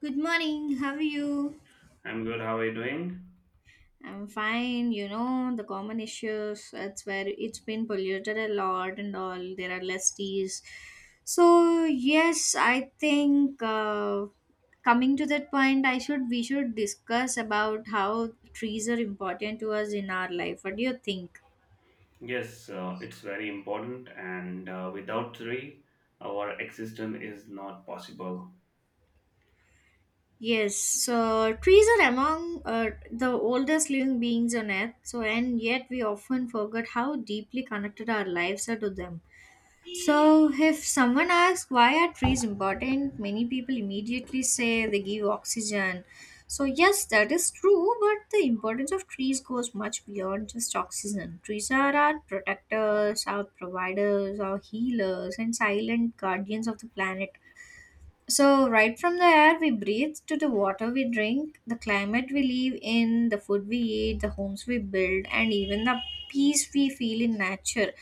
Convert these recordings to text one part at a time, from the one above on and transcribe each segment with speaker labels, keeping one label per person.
Speaker 1: Good morning. How are you?
Speaker 2: I'm good. How are you doing?
Speaker 1: I'm fine, the common issues, it's where it's been polluted a lot and all, there are less teas. So, yes, I think coming to that point, I should we should discuss about how trees are important to us in our life. What do you think?
Speaker 2: Yes, it's very important, and without three, our existence is not possible.
Speaker 1: Yes, so trees are among the oldest living beings on earth, so and yet we often forget how deeply connected our lives are to them. So, if someone asks why are trees important, many people immediately say they give oxygen. So, yes, that is true, but the importance of trees goes much beyond just oxygen. Trees are our protectors, our providers, our healers, and silent guardians of the planet. So, right from the air we breathe to the water we drink, the climate we live in, the food we eat, the homes we build, and even the peace we feel in nature.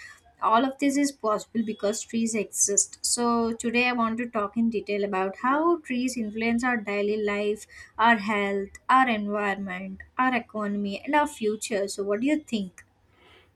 Speaker 1: All of this is possible because trees exist. So, today I want to talk in detail about how trees influence our daily life, our health, our environment, our economy, and our future. So, what do you think?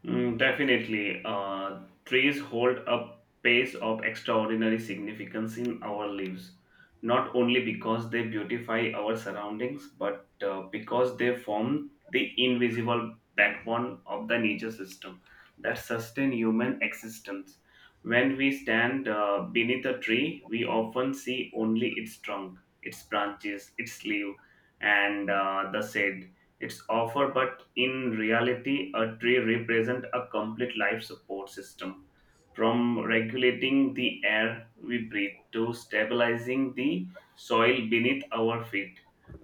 Speaker 2: Mm, definitely. Trees hold a pace of extraordinary significance in our lives, not only because they beautify our surroundings, but because they form the invisible backbone of the nature system that sustain human existence. When we stand beneath a tree, we often see only its trunk, its branches, its leaves, and the shade it's offer, but in reality, a tree represents a complete life support system, from regulating the air we breathe to stabilizing the soil beneath our feet.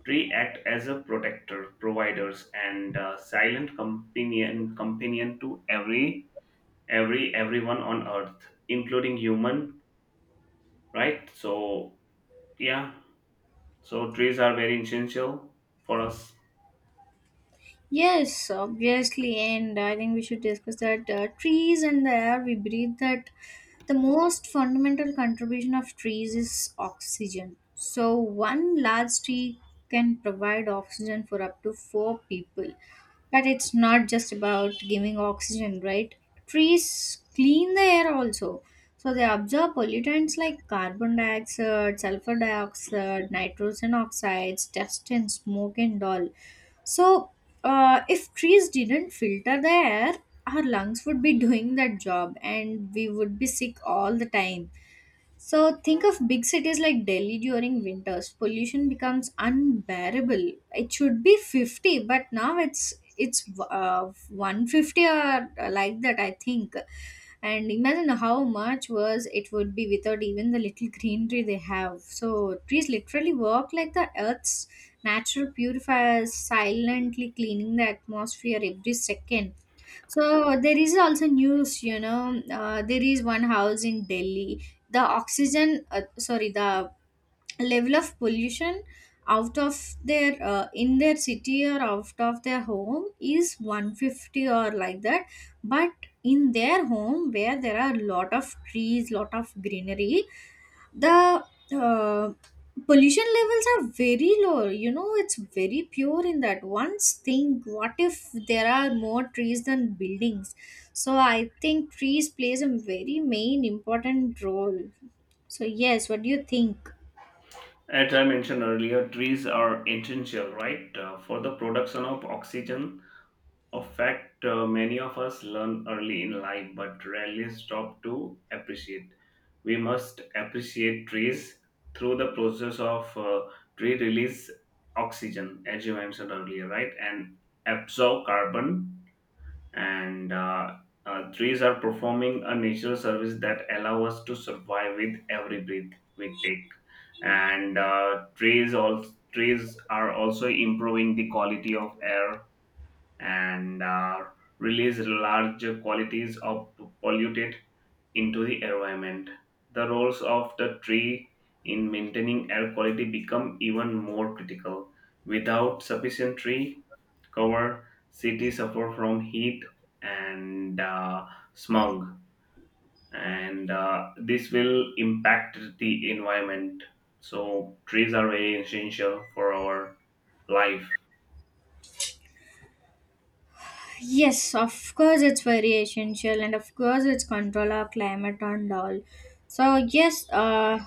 Speaker 2: Tree act as a protector, providers, and silent companion to everyone on earth, including human. Right? So yeah, so trees are very essential for us.
Speaker 1: Yes, obviously, and I think we should discuss that, trees and the air we breathe, that the most fundamental contribution of trees is oxygen. So, one large tree can provide oxygen for up to four people. But it's not just about giving oxygen, right? Trees clean the air also. So they absorb pollutants like carbon dioxide, sulfur dioxide, nitrogen oxides, dust and smoke and all. So if trees didn't filter the air, our lungs would be doing that job and we would be sick all the time. So think of big cities like Delhi during winters. Pollution becomes unbearable. It should be 50, but now it's 150 or like that, I think. And imagine how much worse it would be without even the little greenery they have. So trees literally work like the earth's natural purifiers, silently cleaning the atmosphere every second. So there is also news, there is one house in Delhi. The oxygen, sorry, the level of pollution out of their in their city, or out of their home, is 150 or like that, but in their home where there are lot of trees, lot of greenery, the uh, pollution levels are very low, it's very pure in that. Once think what if there are more trees than buildings. So I think trees plays a very main important role. So, yes, what do you think?
Speaker 2: As I mentioned earlier, trees are essential, right, for the production of oxygen. A fact many of us learn early in life but rarely stop to appreciate. We must appreciate trees through the process of tree release oxygen, as you mentioned earlier, right, and absorb carbon and trees are performing a natural service that allow us to survive with every breath we take, and trees are also improving the quality of air, and release large quantities of polluted into the environment. The roles of the tree in maintaining air quality become even more critical. Without sufficient tree cover, cities suffer from heat and smog, and this will impact the environment. So trees are very essential for our life.
Speaker 1: Yes, of course it's very essential and of course it's control our climate and all. So, yes.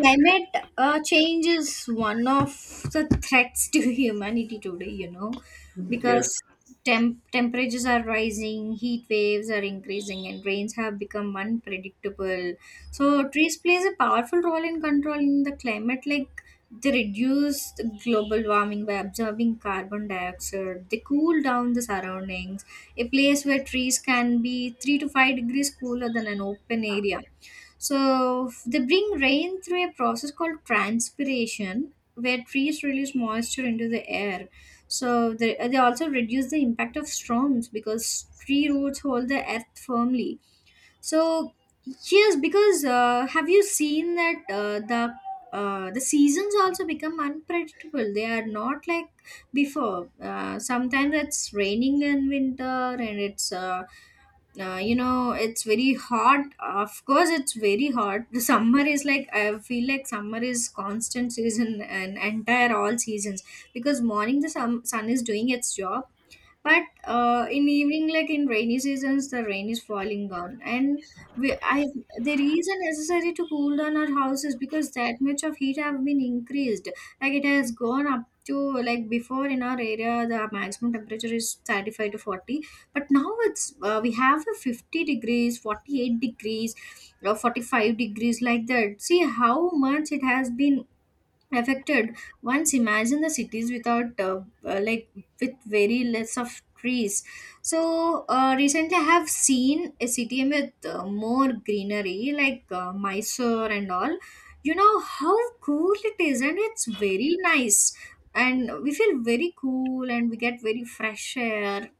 Speaker 1: Climate change is one of the threats to humanity today,
Speaker 2: Yes,
Speaker 1: because temperatures are rising, heat waves are increasing, and rains have become unpredictable. So, trees plays a powerful role in controlling the climate, like they reduce the global warming by absorbing carbon dioxide. They cool down the surroundings. A place where trees can be 3 to 5 degrees cooler than an open area. So they bring rain through a process called transpiration, where trees release moisture into the air. So they also reduce the impact of storms because tree roots hold the earth firmly. So, yes, because have you seen that the seasons also become unpredictable? They are not like before. Sometimes it's raining in winter, and it's you know it's very hot. Of course, it's very hot. The summer is like I feel like summer is constant season and entire all seasons, because morning the sun is doing its job, but in evening, like in rainy seasons, the rain is falling down, and we I the reason necessary to cool down our house is because that much of heat have been increased. Like it has gone up to, like before in our area the maximum temperature is 35 to 40, but now it's we have a 50 degrees, 48 degrees, 45 degrees, like that. See how much it has been affected. Once imagine the cities without like, with very less of trees. So recently I have seen a city with more greenery like Mysore and all. You know how cool it is, and it's very nice, and we feel very cool, and we get very fresh air.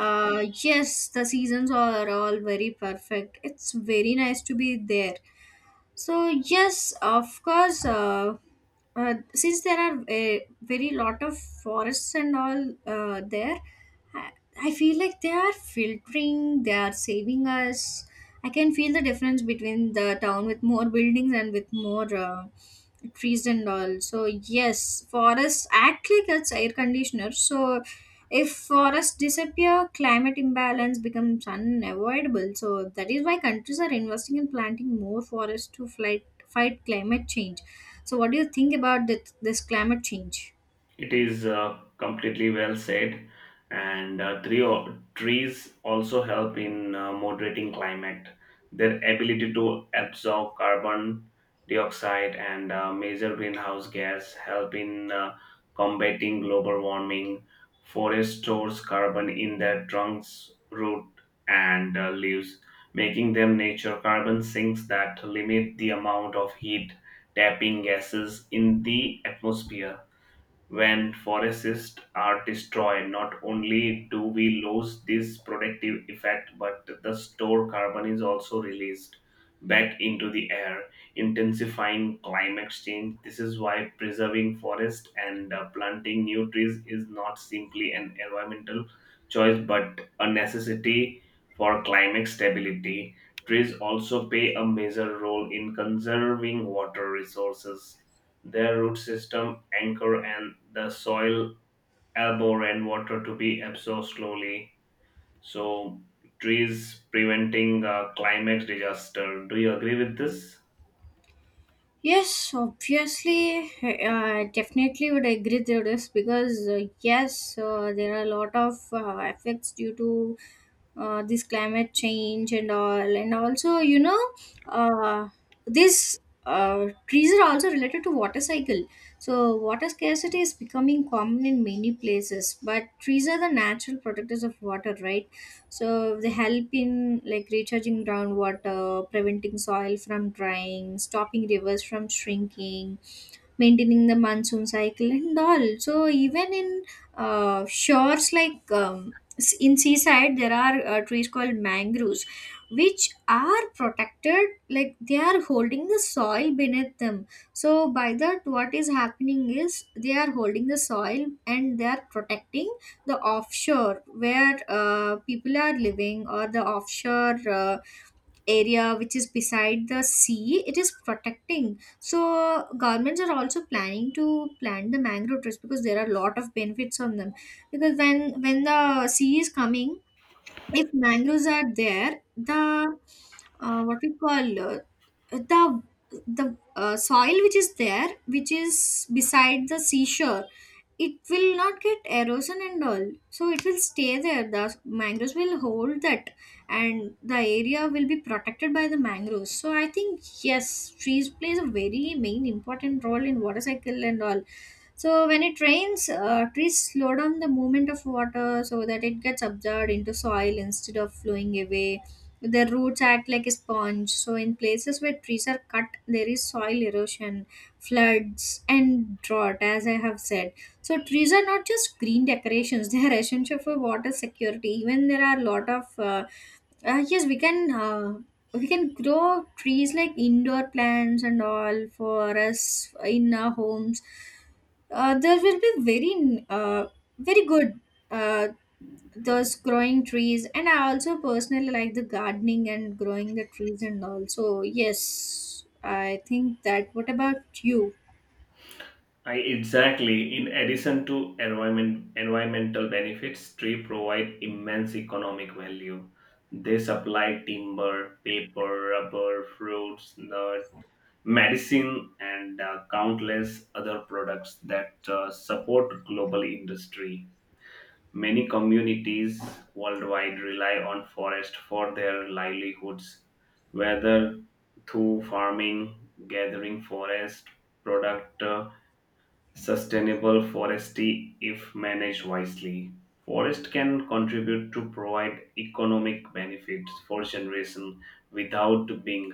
Speaker 1: Yes, the seasons are all very perfect, it's very nice to be there. So, yes, of course. Since there are a very lot of forests and all there, I, I feel like they are filtering. They are saving us. I can feel the difference between the town with more buildings and with more trees and all. So, yes, forests act like it's air conditioner. So if forests disappear, climate imbalance becomes unavoidable. So that is why countries are investing in planting more forests to fight climate change. So what do you think about this climate change?
Speaker 2: it is completely well said, and trees also help in moderating climate. Their ability to absorb carbon dioxide and major greenhouse gas help in combating global warming. Forest stores carbon in their trunks, root, and leaves, making them nature carbon sinks that limit the amount of heat trapping gases in the atmosphere. When forests are destroyed, not only do we lose this protective effect, but the stored carbon is also released back into the air, intensifying climate change. This is why preserving forests and planting new trees is not simply an environmental choice, but a necessity for climate stability. Trees also play a major role in conserving water resources. Their root system anchor and the soil elbow rainwater to be absorbed slowly. So trees preventing climate disaster. Do you agree with this?
Speaker 1: Yes, obviously, definitely would agree to this, because yes, there are a lot of effects due to this climate change and all. And also, you know uh, this trees are also related to water cycle. So water scarcity is becoming common in many places, but trees are the natural protectors of water, right? So they help in like recharging groundwater, preventing soil from drying, stopping rivers from shrinking, maintaining the monsoon cycle and all. So even in shores, like in seaside, there are trees called mangroves, which are protected, like they are holding the soil beneath them. So by that, what is happening is they are holding the soil, and they are protecting the offshore where people are living, or the offshore area which is beside the sea, it is protecting. So governments are also planning to plant the mangrove trees, because there are a lot of benefits on them, because when the sea is coming, if mangroves are there, the what we call, the the soil which is there, which is beside the seashore, it will not get erosion and all, so it will stay there. The mangroves will hold that, and the area will be protected by the mangroves. So I think, yes, trees plays a very main important role in water cycle and all. So when it rains, trees slow down the movement of water so that it gets absorbed into soil instead of flowing away. Their roots act like a sponge. So in places where trees are cut, there is soil erosion, floods, and drought, as I have said. So trees are not just green decorations; they are essential for water security. Even there are a lot of, yes, we can. We can grow trees like indoor plants and all for us in our homes. There will be very, very good, uh, those growing trees. And I also personally like the gardening and growing the trees and all. So yes, I think that. What about you?
Speaker 2: I exactly. In addition to environmental benefits, trees provide immense economic value. They supply timber, paper, rubber, fruits, nut, medicine, and countless other products that support global industry. Many communities worldwide rely on forest for their livelihoods, whether through farming, gathering forest product, sustainable forestry if managed wisely. Forest can contribute to provide economic benefits for generation without being.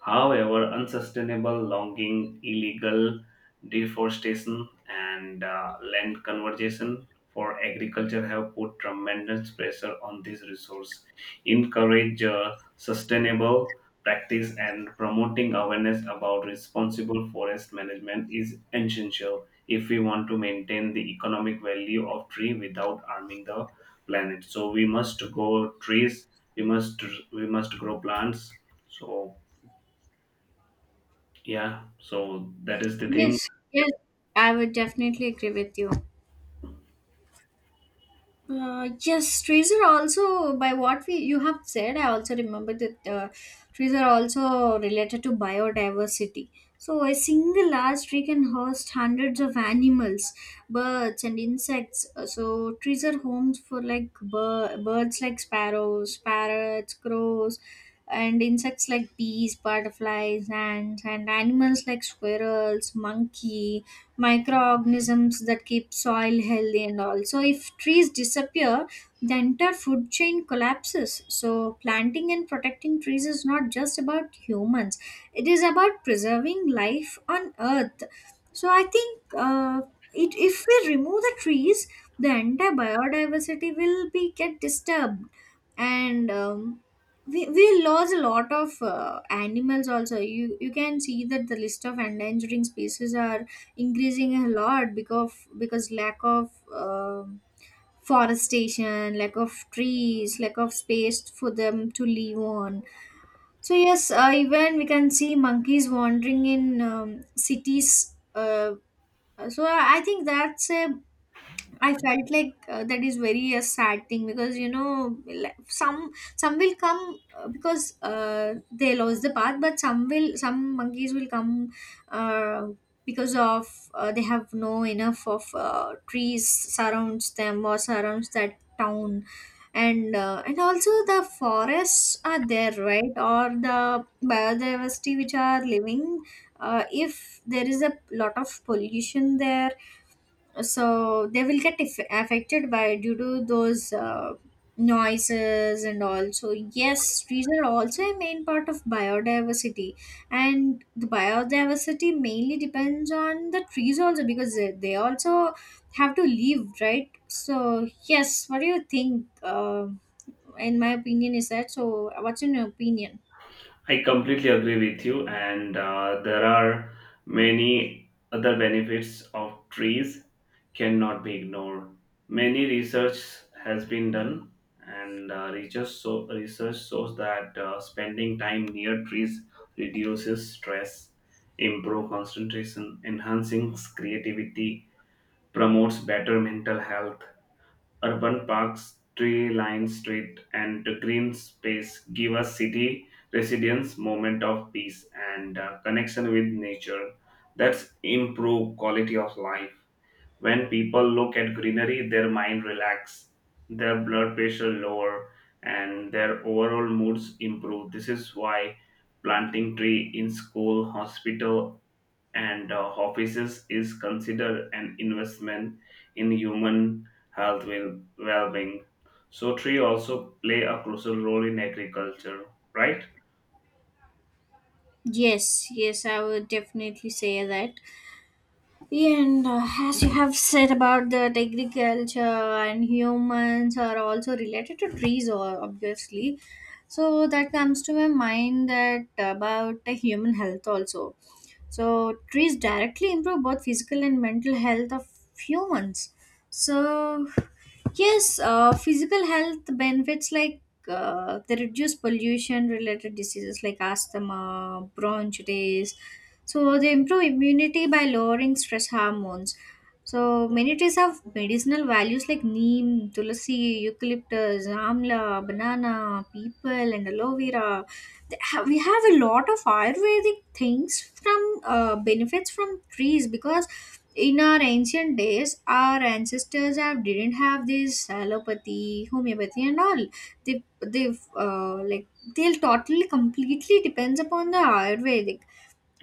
Speaker 2: However, unsustainable logging, illegal deforestation, and land conversion for agriculture have put tremendous pressure on this resource. Encourage sustainable practice and promoting awareness about responsible forest management is essential if we want to maintain the economic value of tree without harming the planet. So we must go trees. We must grow plants. So yeah, so that is the thing.
Speaker 1: Yes, yes, I would definitely agree with you. Yes, trees are also, by what we you have said. I also remember that trees are also related to biodiversity. So a single large tree can host hundreds of animals, birds and insects. So trees are homes for like birds like sparrows, parrots, crows, and insects like bees, butterflies, ants, and animals like squirrels, monkey, microorganisms that keep soil healthy and all. So if trees disappear, the entire food chain collapses. So planting and protecting trees is not just about humans, it is about preserving life on earth. So I think if we remove the trees, the entire biodiversity will be get disturbed, and we lose a lot of animals also. You can see that the list of endangering species are increasing a lot, because lack of forestation, lack of trees, lack of space for them to live on. So, yes, even we can see monkeys wandering in cities, so I think that's a— I felt like that is very a sad thing, because like, some will come because they lost the path, but some will, some monkeys will come uh, because of, they have no enough of trees surrounds them, or surrounds that town, and also the forests are there, right, or the biodiversity which are living. If there is a lot of pollution there, so they will get affected by, due to those noises and all. So yes, trees are also a main part of biodiversity, and the biodiversity mainly depends on the trees also, because they also have to leave, right? So yes, what do you think, in my opinion is that, so what's in your opinion?
Speaker 2: I completely agree with you, and there are many other benefits of trees cannot be ignored. Many research has been done, and research shows that spending time near trees reduces stress, improve concentration, enhancing creativity, promotes better mental health. Urban parks, tree lined street, and green space give us city residents moment of peace and connection with nature. That's improve quality of life. When people look at greenery, their mind relax, their blood pressure lower, and their overall moods improve. This is why planting tree in school, hospital, and offices is considered an investment in human health well-being. So tree also play a crucial role in agriculture, right?
Speaker 1: Yes, yes, I would definitely say that. Yeah, and as you have said about that, agriculture and humans are also related to trees, obviously. So that comes to my mind, that about the human health also. So trees directly improve both physical and mental health of humans. So yes, physical health benefits like, they reduce pollution related diseases like asthma, bronchitis. So they improve immunity by lowering stress hormones. So many trees have medicinal values like neem, tulsi, eucalyptus, amla, banana, people, and aloe vera. We have a lot of Ayurvedic things from, benefits from trees, because in our ancient days, our ancestors have didn't have this allopathy, homeopathy, and all. They uh, like they'll totally completely depends upon the Ayurvedic.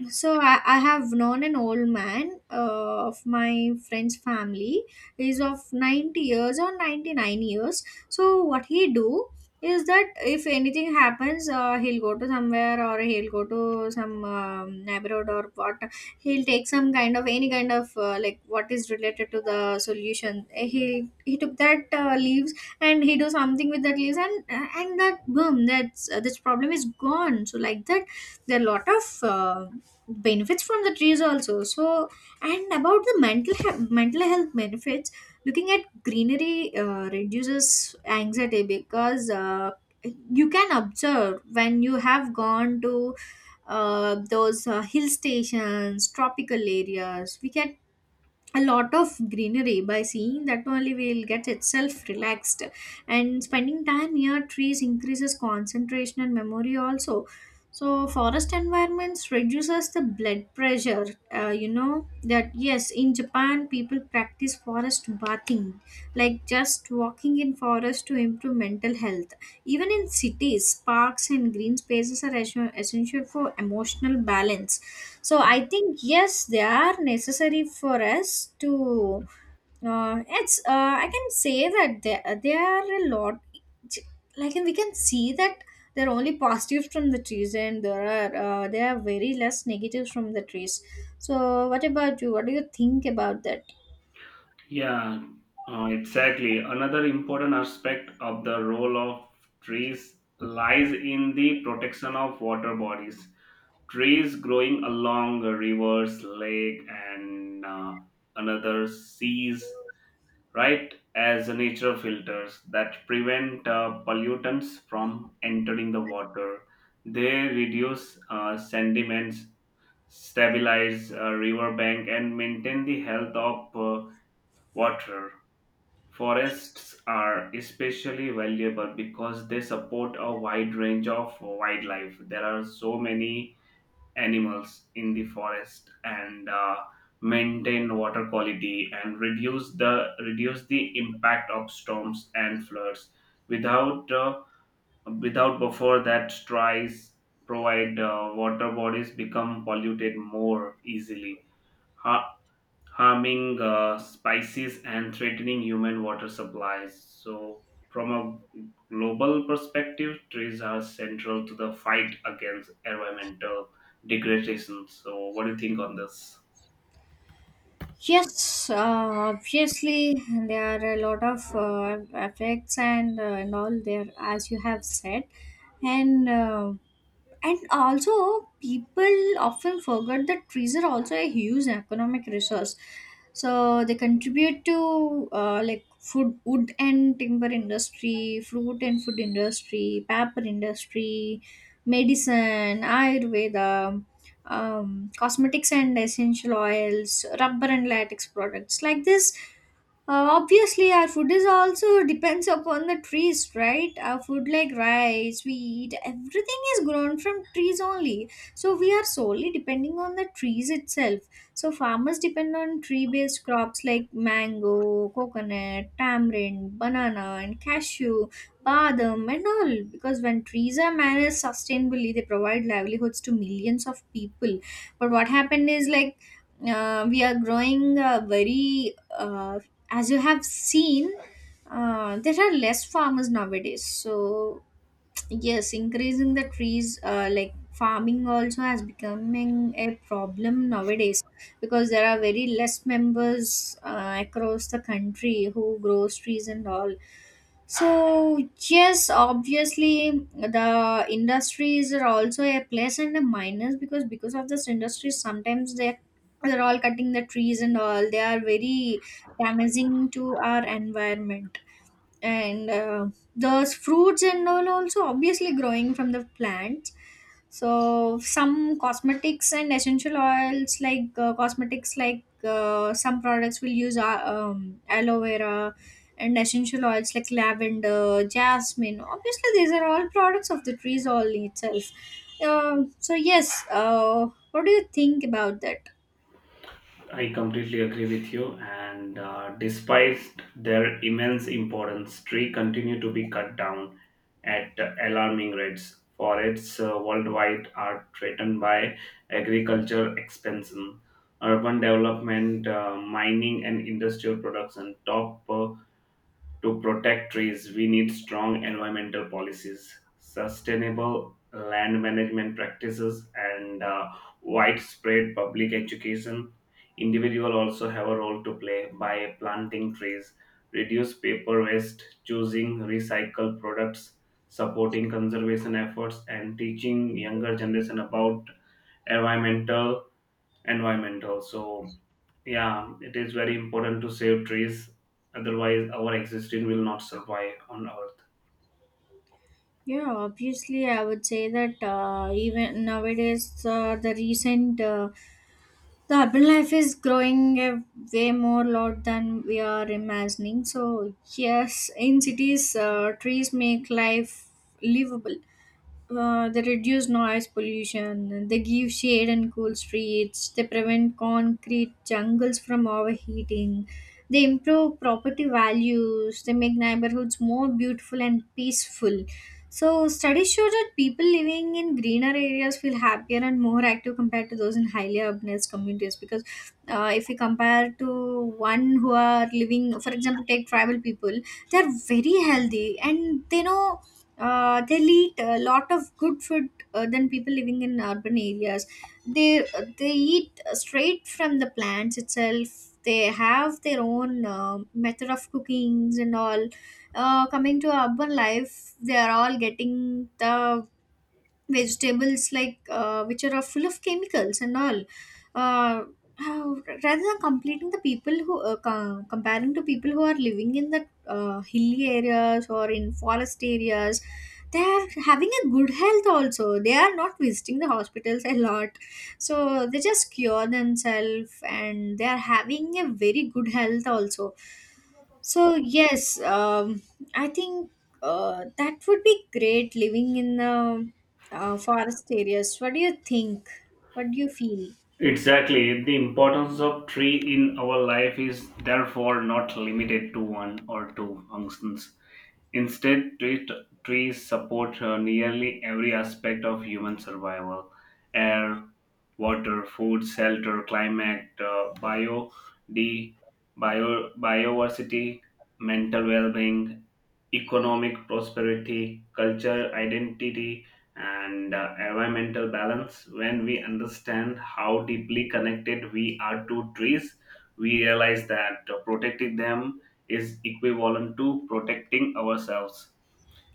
Speaker 1: So I have known an old man of my friend's family. He's of 90 years or 99 years. So what he do is that if anything happens, he'll go to somewhere, or he'll go to some abroad or what. He'll take some kind of any kind of like what is related to the solution. He took that leaves, and he do something with that leaves, and that boom, that's this problem is gone. So like that, there are a lot of. Benefits from the trees also. So, and about the mental health benefits, looking at greenery reduces anxiety, because you can observe, when you have gone to those hill stations, tropical areas, we can a lot of greenery, by seeing that only we'll get itself relaxed. And spending time near trees increases concentration and memory also. So forest environments reduces the blood pressure. You know that, yes, in Japan people practice forest bathing, like just walking in forest to improve mental health. Even in cities, parks and green spaces are essential for emotional balance. So I think yes, they are necessary for us to, it's I can say that there are a lot, like, and we can see that there are only positives from the trees, and there are, there are very less negatives from the trees. So what about you, what do you think about that?
Speaker 2: Yeah, exactly. Another important aspect of the role of trees lies in the protection of water bodies. Trees growing along rivers, lake, and another seas right as a natural filters that prevent pollutants from entering the water. They reduce sediments, stabilize river bank and maintain the health of water. Forests are especially valuable because they support a wide range of wildlife. There are so many animals in the forest and maintain water quality and reduce the impact of storms and floods without without buffer that tries provide water bodies become polluted more easily, harming species and threatening human water supplies. So, from a global perspective, trees are central to the fight against environmental degradation. So, what do you think on this?
Speaker 1: Yes, obviously there are a lot of effects and all there, as you have said, and uh, and also, people often forget that trees are also a huge economic resource. So they contribute to like food, wood and timber industry, fruit and food industry, paper industry, medicine, Ayurveda, cosmetics and essential oils, rubber and latex products. Like this, obviously, our food is also depends upon the trees, right? Our food like rice, wheat, everything is grown from trees only. So we are solely depending on the trees itself. So farmers depend on tree-based crops like mango, coconut, tamarind, banana, and cashew, badam, and all. Because when trees are managed sustainably, they provide livelihoods to millions of people. But what happened is like, we are growing very, as you have seen, there are less farmers nowadays. So yes, increasing the trees, like farming also has becoming a problem nowadays, because there are very less members across the country who grows trees and all. So yes, obviously the industries are also a plus and a minus, because of this industries, sometimes they, they're all cutting the trees and all, they are very damaging to our environment. And those fruits and all also obviously growing from the plants. So some cosmetics and essential oils, like cosmetics like, some products will use aloe vera, and essential oils like lavender, jasmine. Obviously, these are all products of the trees all itself. So yes, what do you think about that?
Speaker 2: I completely agree with you. And despite their immense importance, trees continue to be cut down at alarming rates. Forests worldwide are threatened by agriculture expansion, urban development, mining, and industrial production. Top To protect trees, we need strong environmental policies, sustainable land management practices, and widespread public education. Individuals also have a role to play by planting trees, reduce paper waste, choosing recycled products, supporting conservation efforts, and teaching younger generation about environmental environmental. So yeah, it is very important to save trees, otherwise, our existence will not survive on Earth.
Speaker 1: Yeah, obviously I would say that, even nowadays, the recent, the urban life is growing a way more lot than we are imagining. So yes, in cities, trees make life livable. They reduce noise pollution, and they give shade and cool streets. They prevent concrete jungles from overheating. They improve property values. They make neighborhoods more beautiful and peaceful. So, studies show that people living in greener areas feel happier and more active compared to those in highly urbanized communities. Because if we compare to one who are living, for example, take tribal people, they are very healthy and they know they'll eat a lot of good food than people living in urban areas. They they eat straight from the plants itself. They have their own method of cookings and all. Coming to urban life, they are all getting the vegetables like, which are full of chemicals and all. uh, how- rather than completing the people who, comparing to people who are living in the hilly areas or in forest areas, they are having a good health also, they are not visiting the hospitals a lot. So they just cure themselves, and they are having a very good health also. So yes, I think, that would be great living in the forest areas. What do you think? What do you feel?
Speaker 2: Exactly. The importance of tree in our life is therefore not limited to one or two functions. Instead, trees support nearly every aspect of human survival, air, water, food, shelter, climate, D, biodiversity, mental well being, economic prosperity, culture, identity, and environmental balance. When we understand how deeply connected we are to trees, we realize that protecting them is equivalent to protecting ourselves.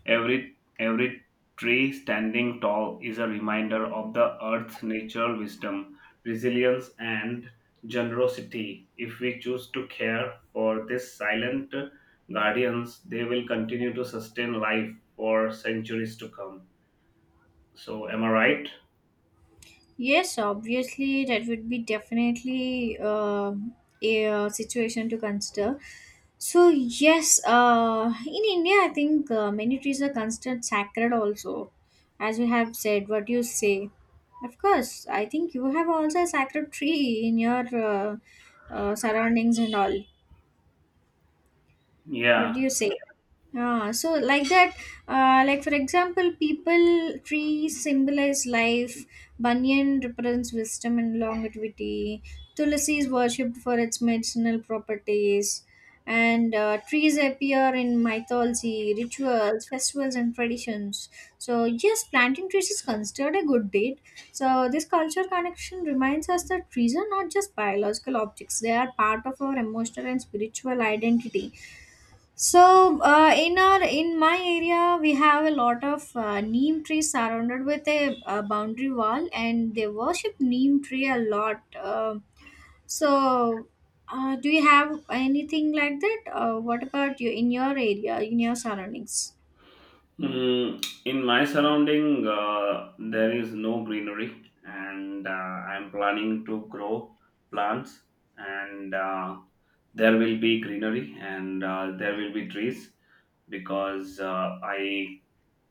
Speaker 2: Every tree standing tall is a reminder of the earth's natural wisdom, resilience, and generosity. If we choose to care for these silent guardians, they will continue to sustain life for centuries to come. So, am I right?
Speaker 1: Yes, obviously that would be definitely a situation to consider. So yes, in India, I think many trees are considered sacred also, as you have said. What do you say? Of course, I think you have also a sacred tree in your, surroundings and all. What do
Speaker 2: Yeah.
Speaker 1: you say? Ah, so like that, like for example, people, trees symbolize life. Banyan represents wisdom and longevity. Tulsi is worshipped for its medicinal properties. And trees appear in mythology, rituals, festivals, and traditions. So yes, planting trees is considered a good deed. So this culture connection reminds us that trees are not just biological objects, they are part of our emotional and spiritual identity. So in our in my area, we have a lot of neem trees surrounded with a, boundary wall, and they worship neem tree a lot. So, do you have anything like that? What about you, in your area, in your surroundings?
Speaker 2: Mm, in my surrounding, there is no greenery, and I'm planning to grow plants, and there will be greenery and there will be trees because I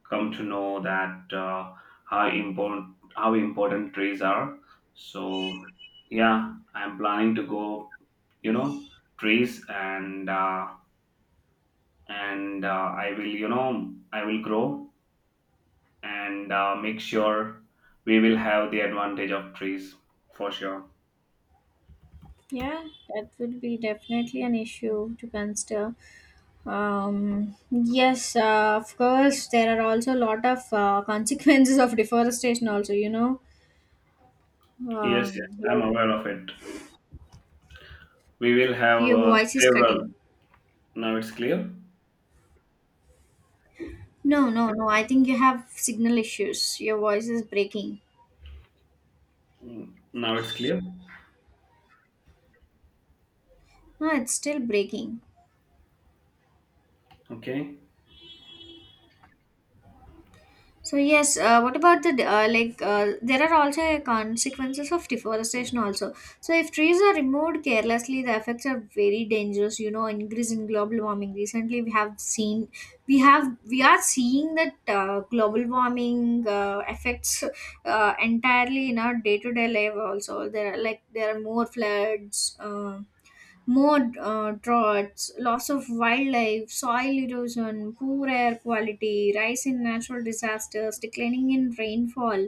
Speaker 2: come to know that how important trees are. So yeah, I'm planning to go, you know, trees and and uh, I will, you know, I will grow and make sure we will have the advantage of trees for sure.
Speaker 1: Yeah, that would be definitely an issue to consider. Yes, of course, there are also a lot of consequences of deforestation, also, you know,
Speaker 2: Yes, yes, I'm
Speaker 1: like,
Speaker 2: aware of it. We will have
Speaker 1: your voice is
Speaker 2: several.
Speaker 1: cutting.
Speaker 2: Now it's clear.
Speaker 1: No, no, no. I think you have signal issues. Your voice is breaking.
Speaker 2: Mm, now it's clear.
Speaker 1: No, it's still breaking.
Speaker 2: Okay.
Speaker 1: So yes, what about the like? There are also consequences of deforestation also. So if trees are removed carelessly, the effects are very dangerous. You know, increase in global warming. Recently, we have seen, we are seeing that global warming affects entirely in our day to day life. Also, there are like there are more floods. More droughts, loss of wildlife, soil erosion, poor air quality, rise in natural disasters, declining in rainfall.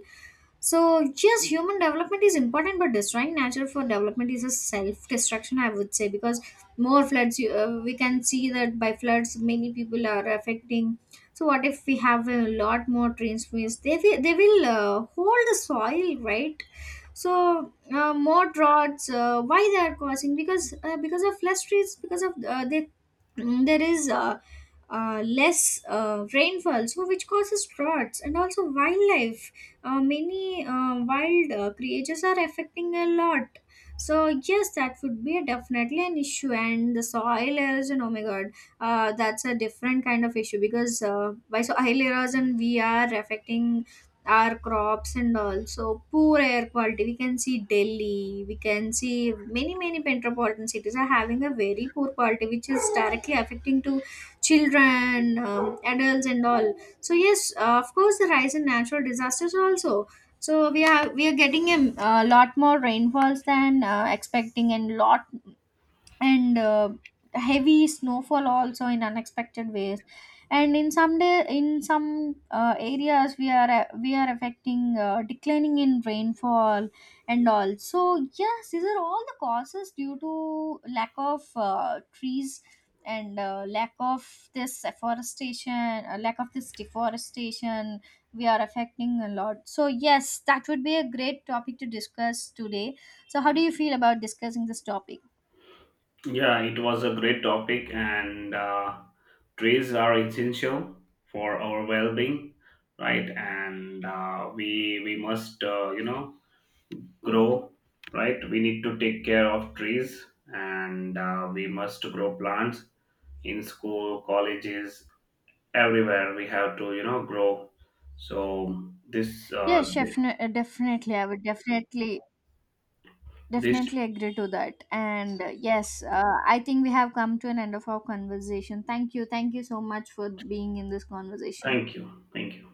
Speaker 1: So, yes, human development is important, but destroying nature for development is a self destruction, I would say, because more floods, we can see that by floods, many people are affecting. So, what if we have a lot more rain? They will hold the soil, right? So, more droughts, why they are causing, because because of less trees, because of there is less rainfall, so which causes droughts. And also wildlife, many wild creatures are affecting a lot. So yes, that would be definitely an issue. And the soil erosion, oh my god, that's a different kind of issue, because by soil erosion we are affecting our crops and all. So poor air quality, we can see Delhi, we can see many metropolitan cities are having a very poor quality, which is directly affecting to children, adults and all. So yes, of course the rise in natural disasters also. So we are getting a lot more rainfalls than expecting, and lot, and heavy snowfall also in unexpected ways. And in some day, in some areas, we are affecting, declining in rainfall and all. So yes, these are all the causes due to lack of trees, and lack of this afforestation, lack of this deforestation, we are affecting a lot. So yes, that would be a great topic to discuss today. So how do you feel about discussing this topic?
Speaker 2: Yeah, it was a great topic, and trees are essential for our well-being, right? And we must you know grow, right? We need to take care of trees, and we must grow plants in school, colleges, everywhere we have to, you know, grow. So
Speaker 1: Yes, definitely. I would definitely
Speaker 2: this,
Speaker 1: definitely agree to that. And yes, I think we have come to an end of our conversation. Thank you. Thank you so much for being in this conversation.
Speaker 2: thank you. Thank you.